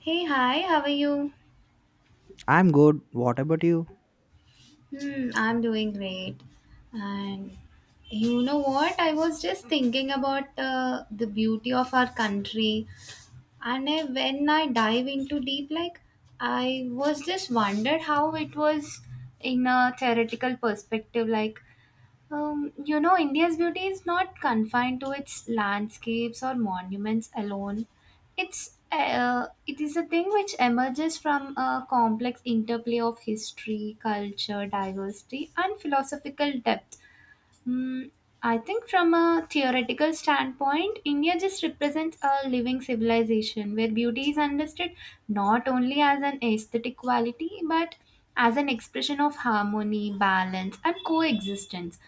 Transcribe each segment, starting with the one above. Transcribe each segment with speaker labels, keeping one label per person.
Speaker 1: Hey, hi, how are you?
Speaker 2: I'm good. What about you?
Speaker 1: Hmm, I'm doing great. And you know what? I was just thinking about the beauty of our country. And when I dive into deep, I was just wondered how it was in a theoretical perspective. You know, India's beauty is not confined to its landscapes or monuments alone. It is a thing which emerges from a complex interplay of history, culture, diversity, and philosophical depth. Hmm, I think from a theoretical standpoint, India just represents a living civilization where beauty is understood not only as an aesthetic quality but as an expression of harmony, balance, and coexistence.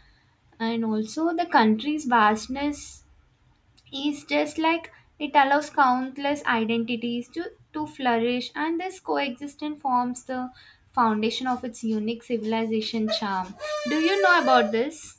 Speaker 1: And also, the country's vastness is just like it allows countless identities to flourish, and this coexistence forms the foundation of its unique civilization charm. Do you know about this?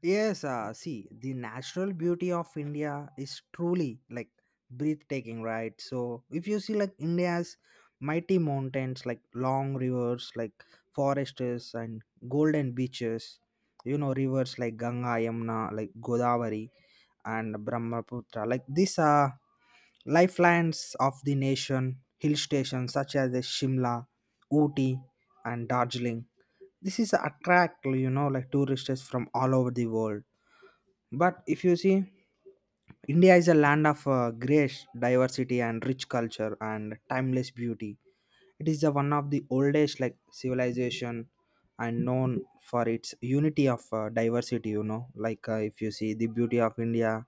Speaker 2: Yes, see, the natural beauty of India is truly like breathtaking, right? So, if you see like India's mighty mountains, like long rivers, like forests, and golden beaches, you know, rivers like Ganga, Yamuna, like Godavari, and Brahmaputra, like these are lifelines of the nation, hill stations such as the Shimla, Ooty, and Darjeeling. This is attract you know like tourists from all over the world. But if you see, India is a land of grace, diversity, and rich culture and timeless beauty. It is the one of the oldest like civilization and known for its unity of diversity. You know, like if you see the beauty of India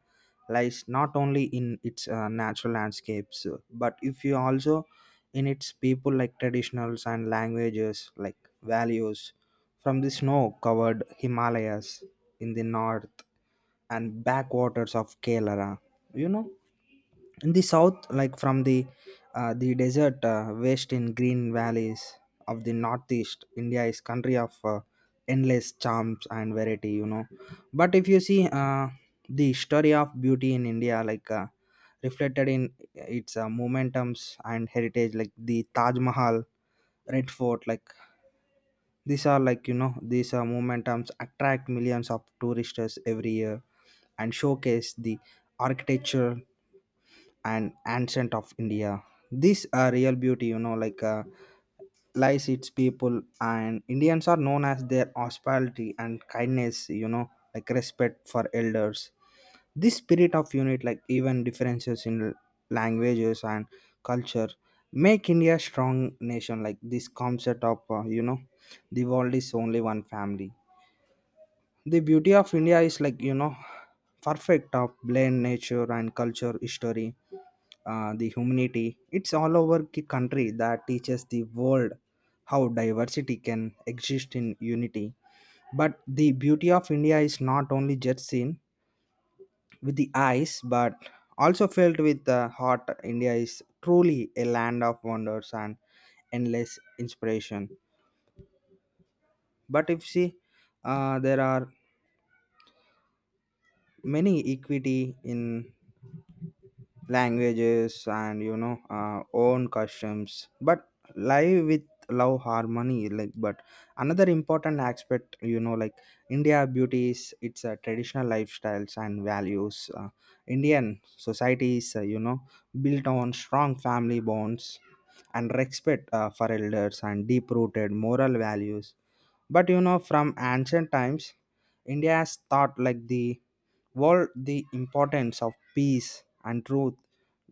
Speaker 2: lies not only in its natural landscapes, but if you also in its people like traditionals and languages like values from the snow-covered Himalayas in the north and backwaters of Kerala. You know in the south like from the desert waste in green valleys of the northeast, India is country of endless charms and variety, you know. But if you see, the story of beauty in India, like reflected in its momentums and heritage like the Taj Mahal, Red Fort, like these are like you know these momentums attract millions of tourists every year and showcase the architecture and ancient of India. This real beauty, you know, like lies its people, and Indians are known as their hospitality and kindness, you know, like respect for elders. This spirit of unit, like even differences in languages and culture, make India strong nation. Like this concept of, you know, the world is only one family. The beauty of India is like, you know, perfect of blend nature and culture history the humanity. It's all over the country that teaches the world how diversity can exist in unity. But the beauty of India is not only just seen with the eyes, but also felt with the heart. India is truly a land of wonders and endless inspiration. But if see, there are many equity in languages and you know own customs but live with love harmony like but another important aspect you know like India beauties its traditional lifestyles and values. Indian societies, you know, built on strong family bonds and respect for elders and deep rooted moral values but you know, from ancient times, India has taught like the world the importance of peace and truth,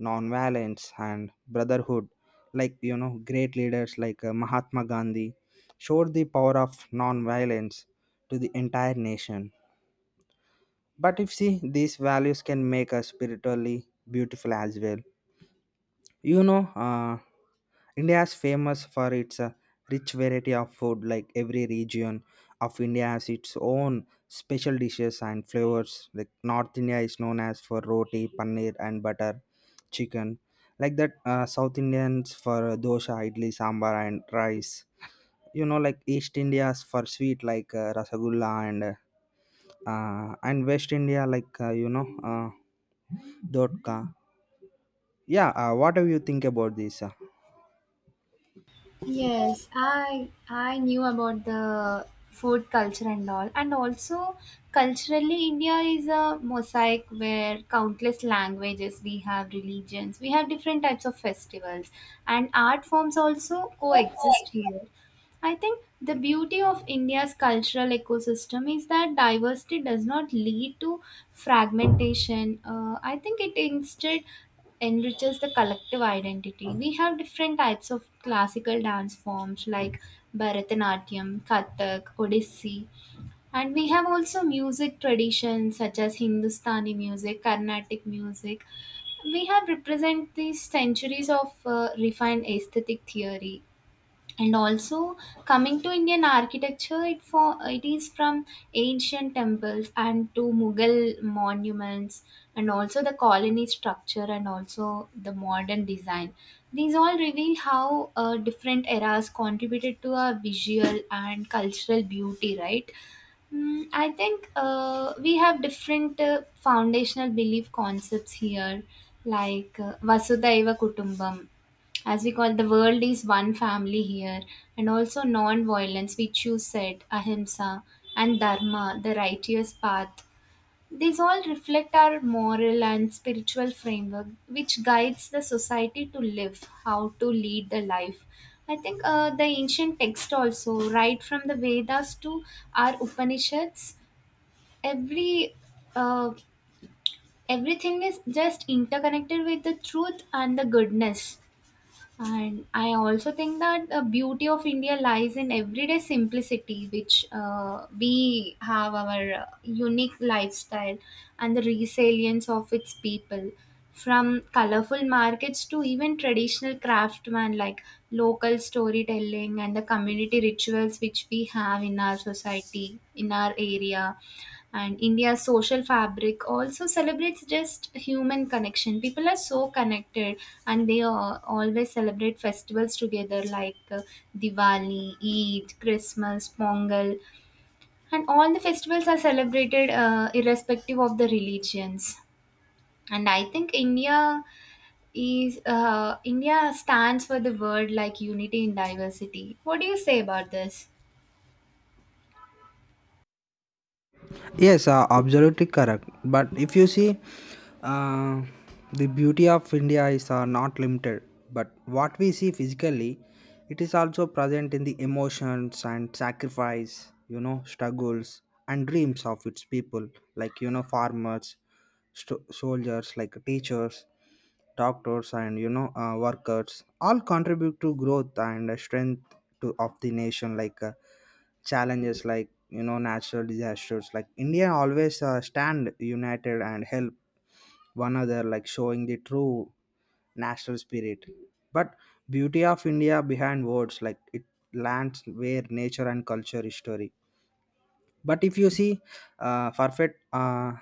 Speaker 2: non-violence and brotherhood. Like you know, great leaders like Mahatma Gandhi showed the power of non-violence to the entire nation. But if see, these values can make us spiritually beautiful as well. You know, India is famous for its rich variety of food. Like every region of India has its own special dishes and flavors. Like North India is known as for roti, paneer, and butter chicken. Like that, South Indians for dosha, idli, sambar, and rice. You know, like East India's for sweet like rasagulla and West India like you know dodka. Yeah, what do you think about this?
Speaker 1: Yes, I knew about the food culture and all, and also culturally, India is a mosaic where countless languages we have, religions we have, different types of festivals, and art forms also coexist here. I think the beauty of India's cultural ecosystem is that diversity does not lead to fragmentation. I think it instead enriches the collective identity. We have different types of classical dance forms like Bharatanatyam, Kathak, Odissi, and we have also music traditions such as Hindustani music, Carnatic music. We have represent these centuries of refined aesthetic theory, and also coming to Indian architecture, it is from ancient temples and to Mughal monuments, and also the colony structure and also the modern design. These all reveal how different eras contributed to our visual and cultural beauty, right? Mm, I think we have different foundational belief concepts here, like Vasudhaiva Kutumbam, as we call the world is one family here, and also non violence, which you said, Ahimsa, and Dharma, the righteous path. These all reflect our moral and spiritual framework, which guides the society to live, how to lead the life. I think the ancient text also, right from the Vedas to our Upanishads, every uh, everything is just interconnected with the truth and the goodness. And I also think that the beauty of India lies in everyday simplicity, which we have our unique lifestyle and the resilience of its people. From colorful markets to even traditional craftsmen like local storytelling and the community rituals which we have in our society, in our area, and India's social fabric also celebrates just human connection. People are so connected, and they always celebrate festivals together like Diwali, Eid, Christmas, Pongal, and all the festivals are celebrated irrespective of the religions. And I think India stands for the word like unity in diversity. What do you say about this?
Speaker 2: Yes, absolutely correct. But if you see, uh, the beauty of India is not limited, but what we see physically, it is also present in the emotions and sacrifice, you know, struggles and dreams of its people, like, you know, farmers, soldiers, like teachers, doctors and you know workers all contribute to growth and strength to, of the nation. Like challenges like you know natural disasters, like India always stand united and help one another, like showing the true national spirit. But beauty of India behind words, like it lands where nature and culture is story. But if you see, perfect,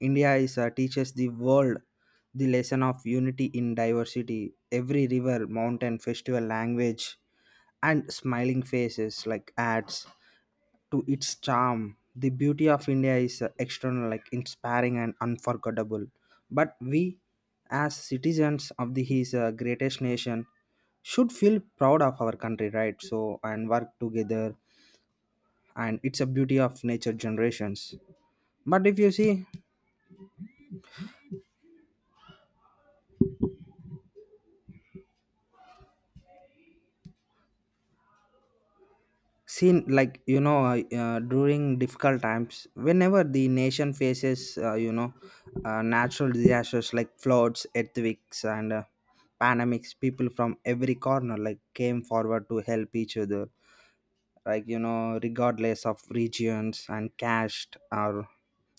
Speaker 2: India is teaches the world the lesson of unity in diversity. Every river, mountain, festival, language and smiling faces like adds to its charm. The beauty of India is external like inspiring and unforgettable, but we as citizens of the his greatest nation should feel proud of our country, right? So and work together, and it's a beauty of nature generations. But if you see, seen like you know during difficult times, whenever the nation faces you know natural disasters like floods, earthquakes and pandemics, people from every corner like came forward to help each other, like you know regardless of regions and caste or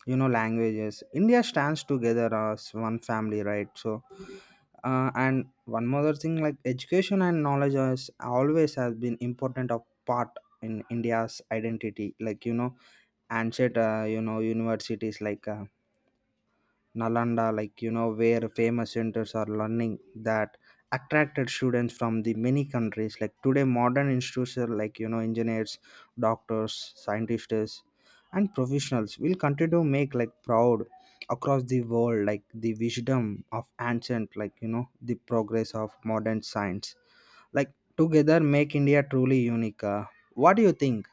Speaker 2: you know languages, India stands together as one family, right? So and one more thing, like education and knowledge has always has been important of part in India's identity like you know and said you know universities like Nalanda, like you know, where famous centers are learning that attracted students from the many countries. Like today, modern institutes are like you know, engineers, doctors, scientists, and professionals will continue to make like proud across the world, like the wisdom of ancient, like you know, the progress of modern science. Like together, make India truly unique. What do you think?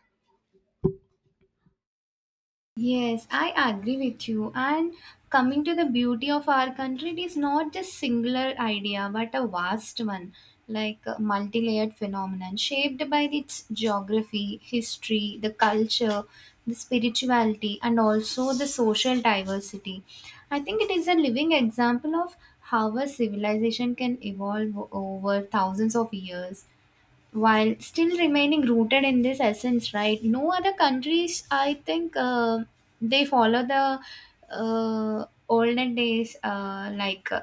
Speaker 1: Yes, I agree with you. And coming to the beauty of our country, it is not just singular idea, but a vast one, like a multi-layered phenomenon shaped by its geography, history, the culture, the spirituality, and also the social diversity. I think it is a living example of how a civilization can evolve over thousands of years while still remaining rooted in this essence, right? No other countries I think they follow the olden days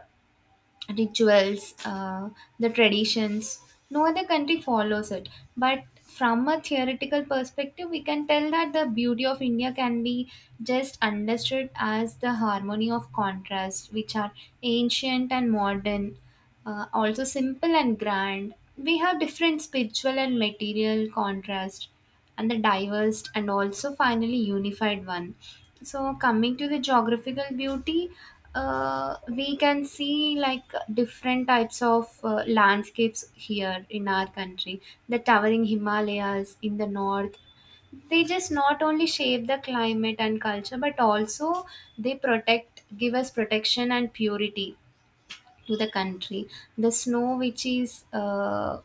Speaker 1: rituals, the traditions. No other country follows it. But from a theoretical perspective, we can tell that the beauty of India can be just understood as the harmony of contrast, which are ancient and modern, also simple and grand. We have different spiritual and material contrast and the diverse and also finally unified one. So, coming to the geographical beauty, we can see like different types of landscapes here in our country. The towering Himalayas in the north, they just not only shape the climate and culture, but also they protect, give us protection and purity to the country. The snow, which is uh,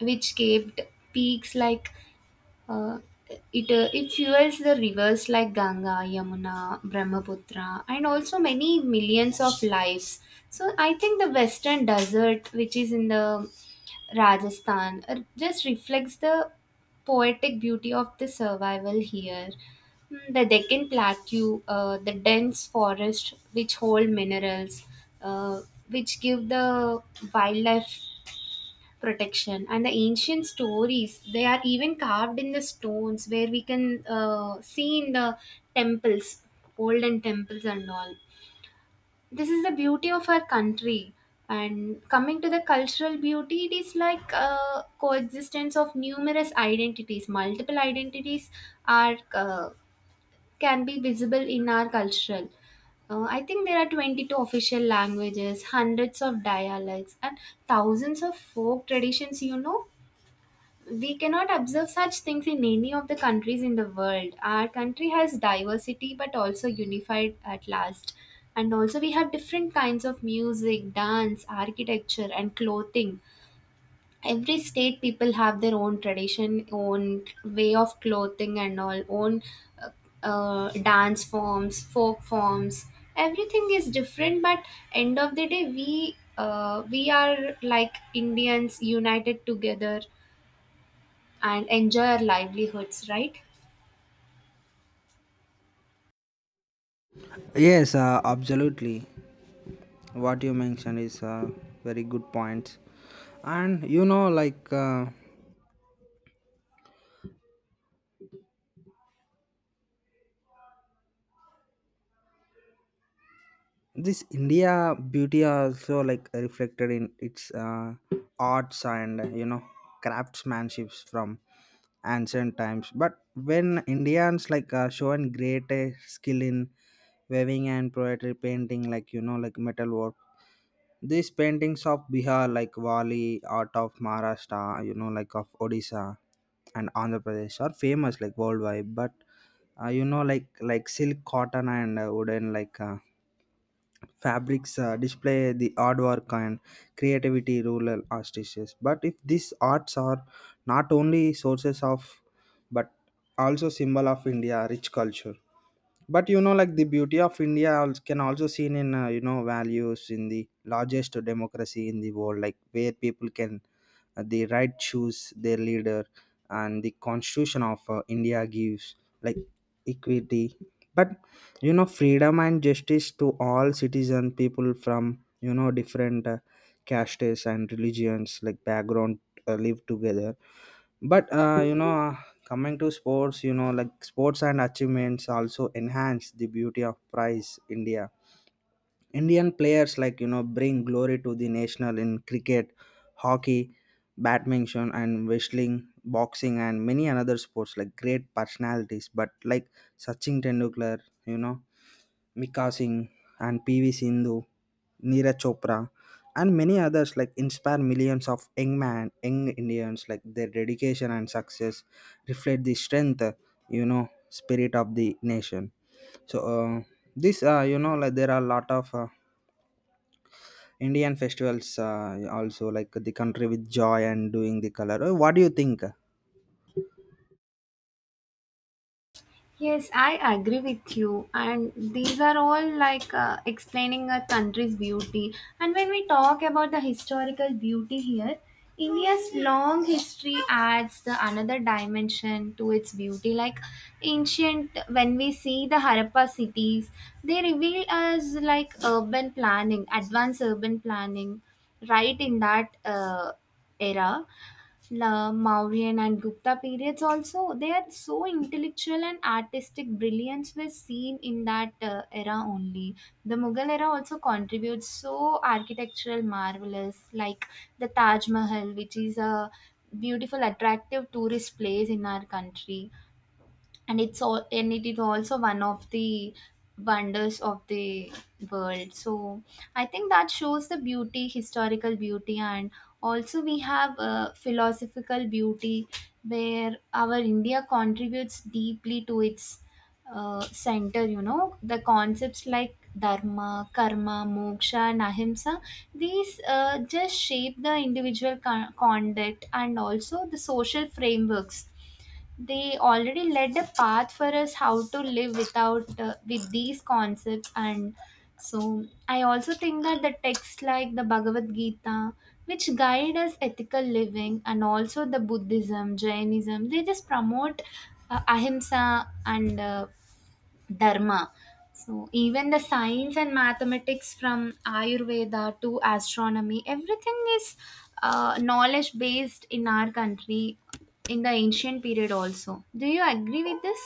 Speaker 1: which capped peaks like uh, it fuels the rivers like Ganga, Yamuna, Brahmaputra, and also many millions of lives. So I think the western desert, which is in the Rajasthan, just reflects the poetic beauty of the survival here. Mm, the Deccan Plateau, the dense forest which hold minerals, uh, which give the wildlife protection, and the ancient stories, they are even carved in the stones, where we can see in the temples, olden temples, and all this is the beauty of our country. And coming to the cultural beauty, it is like coexistence of numerous identities. Multiple identities are can be visible in our cultural I think there are 22 official languages, hundreds of dialects, and thousands of folk traditions, you know, we cannot observe such things in any of the countries in the world. Our country has diversity but also unified at last. And also, we have different kinds of music, dance, architecture, and clothing. Every state people have their own tradition, own way of clothing, and all own uh, dance forms, folk forms. Everything is different, but end of the day, we are like Indians united together and enjoy our livelihoods, right?
Speaker 2: Yes, absolutely. What you mentioned is a very good point, and you know like this India beauty also like reflected in its arts and you know craftsmanships from ancient times but when Indians like shown great skill in weaving and poetry, painting, like you know like metal work. These paintings of Bihar, like Wali art of Maharashtra, you know, like of Odisha and Andhra Pradesh, are famous like worldwide. But you know, like silk, cotton, and wooden like fabrics display the artwork and creativity rural artists. But if these arts are not only sources of, but also symbol of India rich culture, but you know like the beauty of India can also seen in you know values in the largest democracy in the world, like where people can the right choose their leader and the constitution of India gives like equity but you know freedom and justice to all citizen. People from you know different castes and religions like background live together but you know coming to sports, you know, like sports and achievements also enhance the beauty of prize India. Indian players like you know bring glory to the national in cricket, hockey, badminton, and wrestling, boxing, and many another sports. Like great personalities, but like Sachin Tendulkar, you know Mika Singh and PV Sindhu, Neeraj Chopra, and many others like inspire millions of young man, young Indians. Like their dedication and success reflect the strength, you know, spirit of the nation. So this, you know, like there are a lot of Indian festivals also like the country with joy and doing the color. What do you think?
Speaker 1: Yes, I agree with you. And these are all like explaining a country's beauty. And when we talk about the historical beauty here, India's long history adds the another dimension to its beauty. Like ancient, when we see the Harappa cities, they reveal us like urban planning, advanced urban planning, right in that era. La Mauryan and Gupta periods also, they are so intellectual and artistic brilliance was seen in that era only. The Mughal era also contributes so architectural marvelous like the Taj Mahal, which is a beautiful attractive tourist place in our country, and it's all, and it is also one of the wonders of the world. So I think that shows the beauty, historical beauty, and also we have a philosophical beauty, where our India contributes deeply to its center. You know, the concepts like Dharma, Karma, Moksha, and Ahimsa, these just shape the individual conduct and also the social frameworks. They already led a path for us how to live without with these concepts. And so I also think that the texts like the Bhagavad Gita, which guide us ethical living, and also the Buddhism, Jainism, they just promote Ahimsa and Dharma. So, even the science and mathematics from Ayurveda to astronomy, everything is knowledge based in our country in the ancient period also. Do you agree with this?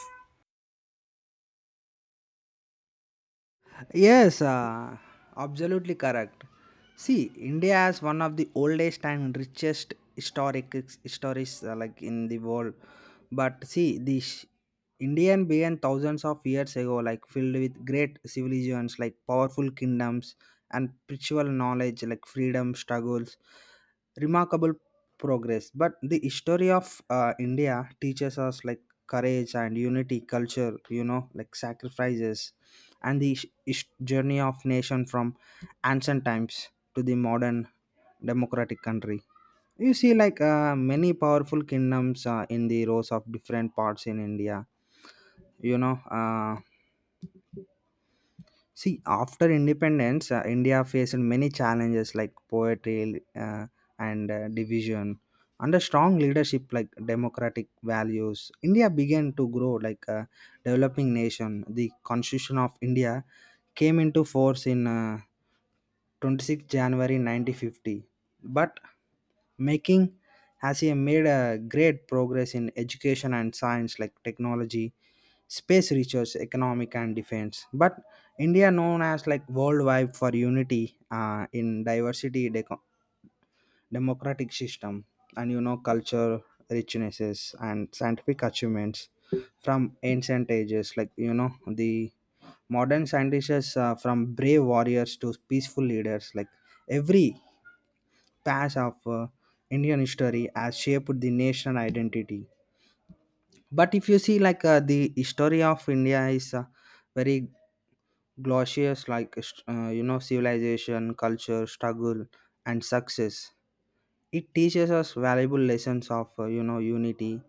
Speaker 2: Yes, absolutely correct. See, India has one of the oldest and richest historic histories like in the world. But see, this Indian began thousands of years ago, like filled with great civilizations, like powerful kingdoms and spiritual knowledge, like freedom struggles, remarkable progress. But the history of India teaches us like courage and unity, culture, you know, like sacrifices, and the journey of nation from ancient times to the modern democratic country. You see like many powerful kingdoms in the rows of different parts in India, you know. See, after independence, India faced many challenges like poetry and division. Under strong leadership like democratic values, India began to grow like a developing nation. The constitution of India came into force in 26th january 1950, but making has he made a great progress in education and science like technology, space research, economic and defense. But India known as like worldwide for unity in diversity, democratic system and you know culture richnesses and scientific achievements from ancient ages like you know the modern scientists from brave warriors to peaceful leaders, like every patch of Indian history has shaped the national identity. But if you see, like the history of India is very glorious, like you know, civilization, culture, struggle, and success. It teaches us valuable lessons of you know unity,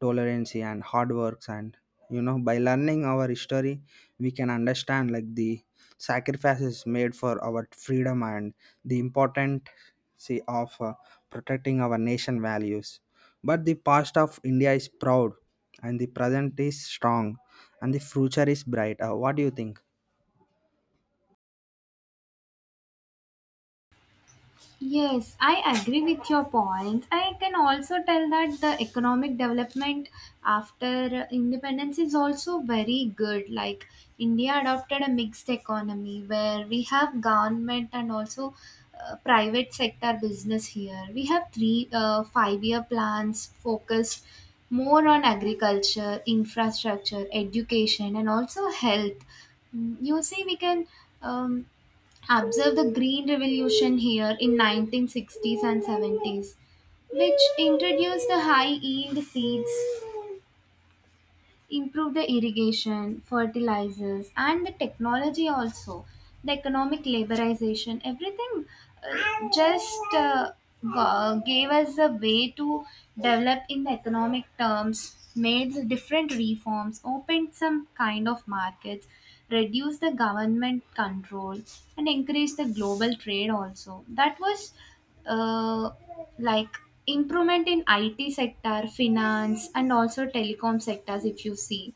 Speaker 2: tolerance and hard works, and you know by learning our history we can understand like the sacrifices made for our freedom and the important see of protecting our nation values. But the past of India is proud, and the present is strong, and the future is bright. What do you think?
Speaker 1: Yes, I agree with your point. I can also tell that the economic development after independence is also very good. Like India adopted a mixed economy where we have government and also private sector business here. We have three 5 year plans focused more on agriculture, infrastructure, education, and also health. Mm, you see, we can. Um, Observe the green revolution here in 1960s and 70s, which introduced the high yield seeds, improve the irrigation, fertilizers, and the technology also, the economic laborization, everything uh, just uh, gave us a way to develop in the economic terms, made the different reforms, opened some kind of markets, reduced the government control, and increased the global trade also. That was uh, like improvement in IT sector, finance, and also telecom sectors. If you see,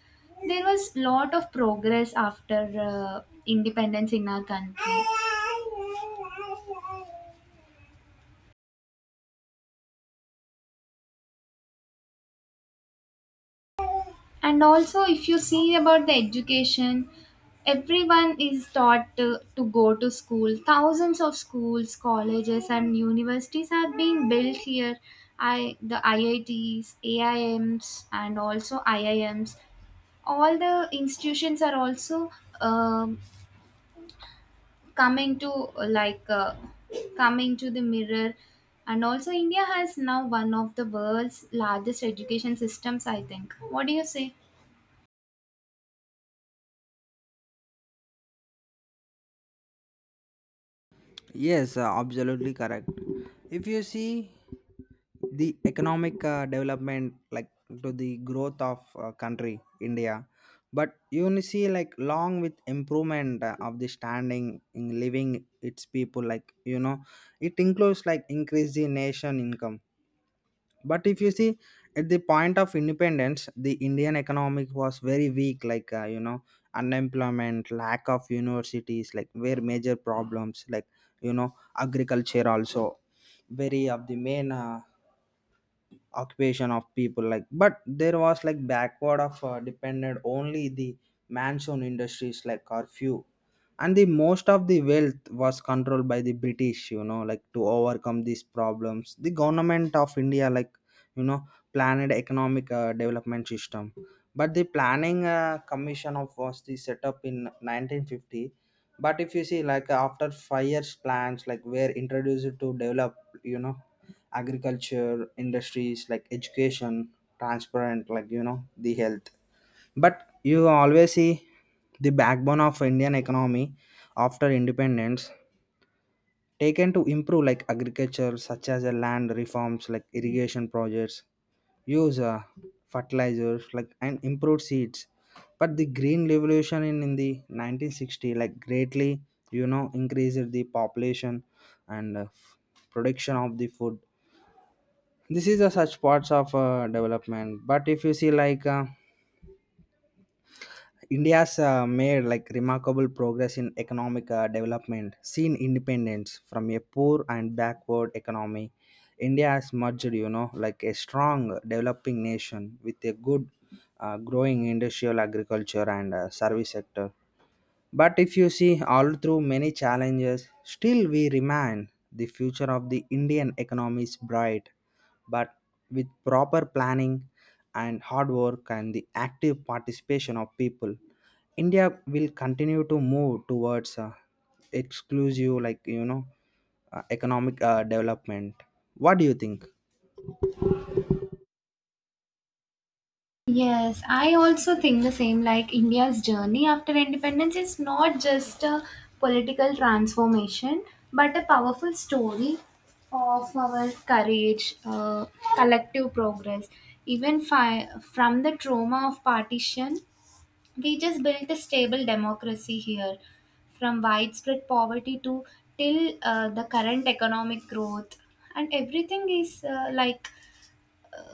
Speaker 1: there was lot of progress after independence in our country. And also, if you see about the education, everyone is taught to go to school. Thousands of schools, colleges, and universities have been built here. I the IITs, AIMs, and also IIMs. All the institutions are also um, coming to coming to the mirror, and also India has now one of the world's largest education systems I think. What do you say?
Speaker 2: Yes, absolutely correct. If you see the economic development, like to the growth of country India, but you only see like long with improvement of the standing in living its people, like it includes like increase the nation income. But if you see, at the point of independence the indian economic was very weak, like unemployment, lack of universities like were major problems, like you know agriculture also, very of the main occupation of people, like but there was like backward of depended only the mansion industries like are few, and the most of the wealth was controlled by the british, like to overcome these problems the government of india, like you know planned economic development system. But the planning commission of was the set up in 1950. But if you see, like after 5 years plans like were introduced to develop, you know agriculture, industries like education, transparent, like the health. But you always see the backbone of indian economy after independence taken to improve like agriculture such as a land reforms, like irrigation projects, use fertilizers, like and improved seeds. But the green revolution in the 1960 like greatly, increased the population and production of the food. This is a such parts of development. But if you see, like india's made like remarkable progress in economic development seen independence from a poor and backward economy, india has merged, like a strong developing nation with a good growing industrial, agriculture and service sector. But if you see, all through many challenges, still we remain the future of the Indian economy is bright. But with proper planning and hard work and the active participation of people, India will continue to move towards exclusive, like economic development. What do you think?
Speaker 1: Yes, I also think the same. Like India's journey after independence is not just a political transformation, but a powerful story of our courage, collective progress. Even from the trauma of partition, we just built a stable democracy here, from widespread poverty to till the current economic growth, and everything is uh, like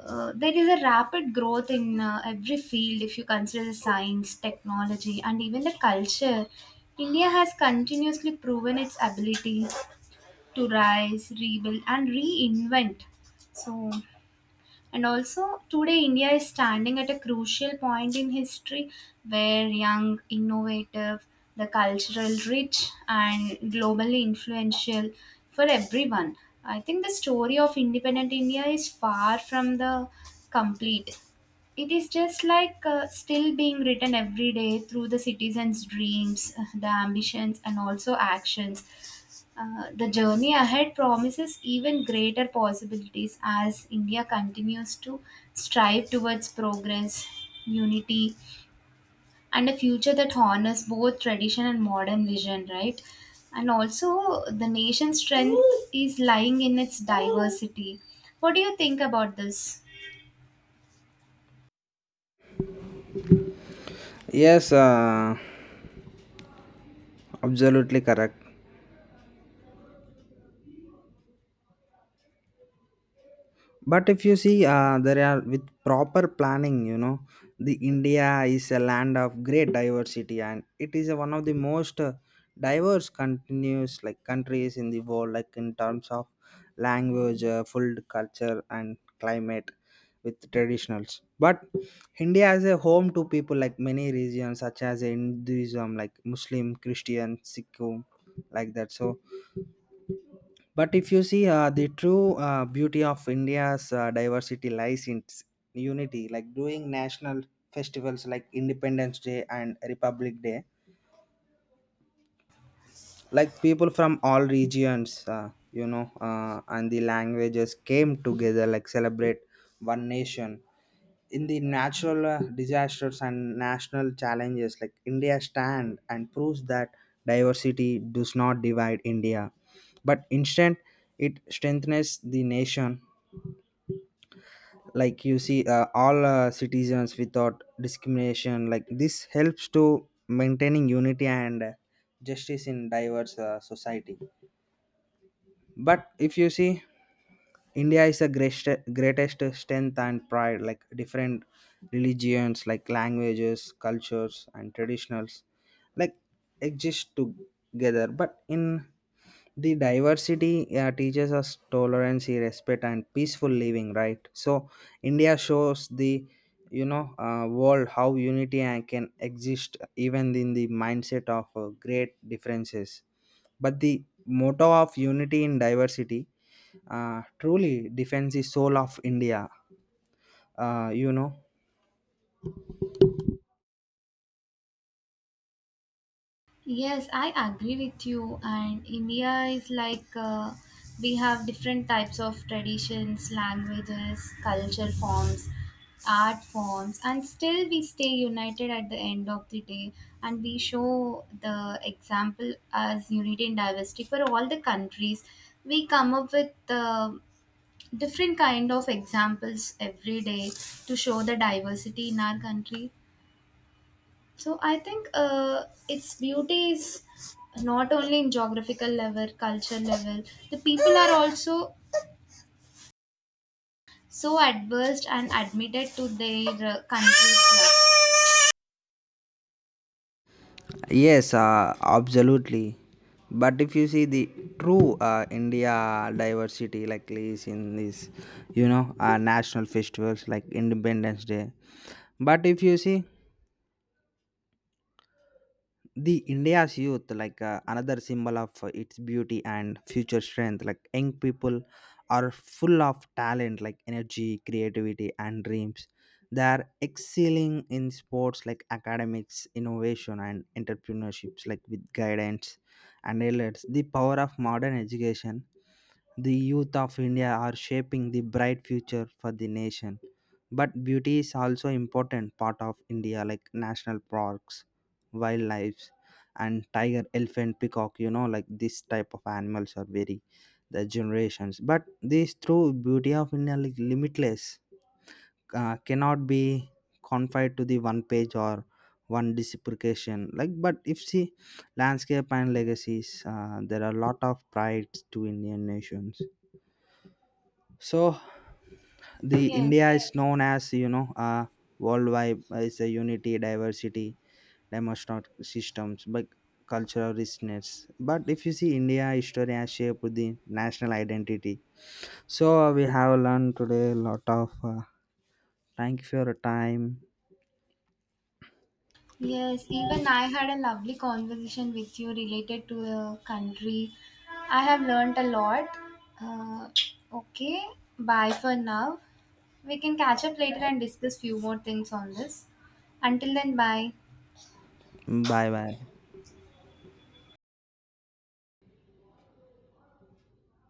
Speaker 1: uh, there is a rapid growth in every field. If you consider science, technology, and even the culture, India has continuously proven its ability to rise, rebuild, and reinvent. So, and also, today India is standing at a crucial point in history, where young, innovative, the cultural rich, and globally influential for everyone. I think the story of independent India is far from the complete. It is just like still being written every day through the citizens' dreams, the ambitions, and also actions. The journey ahead promises even greater possibilities as India continues to strive towards progress, unity, and a future that honors both tradition and modern vision, right? And also, the nation's strength is lying in its diversity. What do you think about this?
Speaker 2: Yes, absolutely correct. But if you see, there are with proper planning, the india is a land of great diversity, and it is one of the most diverse, continuous, like countries in the world, like in terms of language, food, culture, and climate, with traditionals. But india is a home to people like many regions such as hinduism, like muslim, christian, sikh, like that. So but if you see, the true beauty of India's diversity lies in its unity, like doing national festivals like Independence Day and Republic Day, like people from all regions, and the languages came together like celebrate one nation. In the natural disasters and national challenges, like india stand and proves that diversity does not divide india but instead it strengthens the nation. Like you see, all citizens without discrimination, like this helps to maintaining unity and justice in diverse society. But if you see, India is the greatest strength and pride. Like different religions, like languages, cultures, and traditionals, like exist together. But in the diversity teaches us tolerance, respect, and peaceful living. Right. So India shows the, world how unity and can exist even in the mindset of great differences. But the motto of unity in diversity truly defends the soul of India. Uh, you know.
Speaker 1: Yes, I agree with you. And India is like we have different types of traditions, languages, culture forms, art forms, and still we stay united at the end of the day. And we show the example as unity and diversity for all the countries. We come up with different kind of examples every day to show the diversity in our country. So I think its beauty is not only in geographical level, culture level. The people are also so adverse and admitted to their countries.
Speaker 2: Yes, absolutely. But if you see the true India diversity, like is in this, national festivals like Independence Day. But if you see the india's youth, like another symbol of its beauty and future strength, like young people are full of talent, like energy, creativity and dreams. They are excelling in sports like academics, innovation and entrepreneurships, like with guidance and alerts the power of modern education, the youth of India are shaping the bright future for the nation. But beauty is also important part of India, like national parks, wildlife and tiger, elephant, peacock, like this type of animals are very the generations. But this true beauty of India like limitless cannot be confined to the one page or one disprecation, like but if see landscape and legacies, there are a lot of prides to indian nations. So the
Speaker 1: Yes,
Speaker 2: India is known as, worldwide, is a unity, diversity, demonstrate systems, but cultural richness. But if you see India history has shaped the national identity. So we have learned today a lot of. Thank you for your time.
Speaker 1: yes. Even I had a lovely conversation with you related to the country. I have learnt a lot. Uh, okay, bye for now. We can catch up later and discuss few more things on this. Until then, bye.
Speaker 2: Bye bye.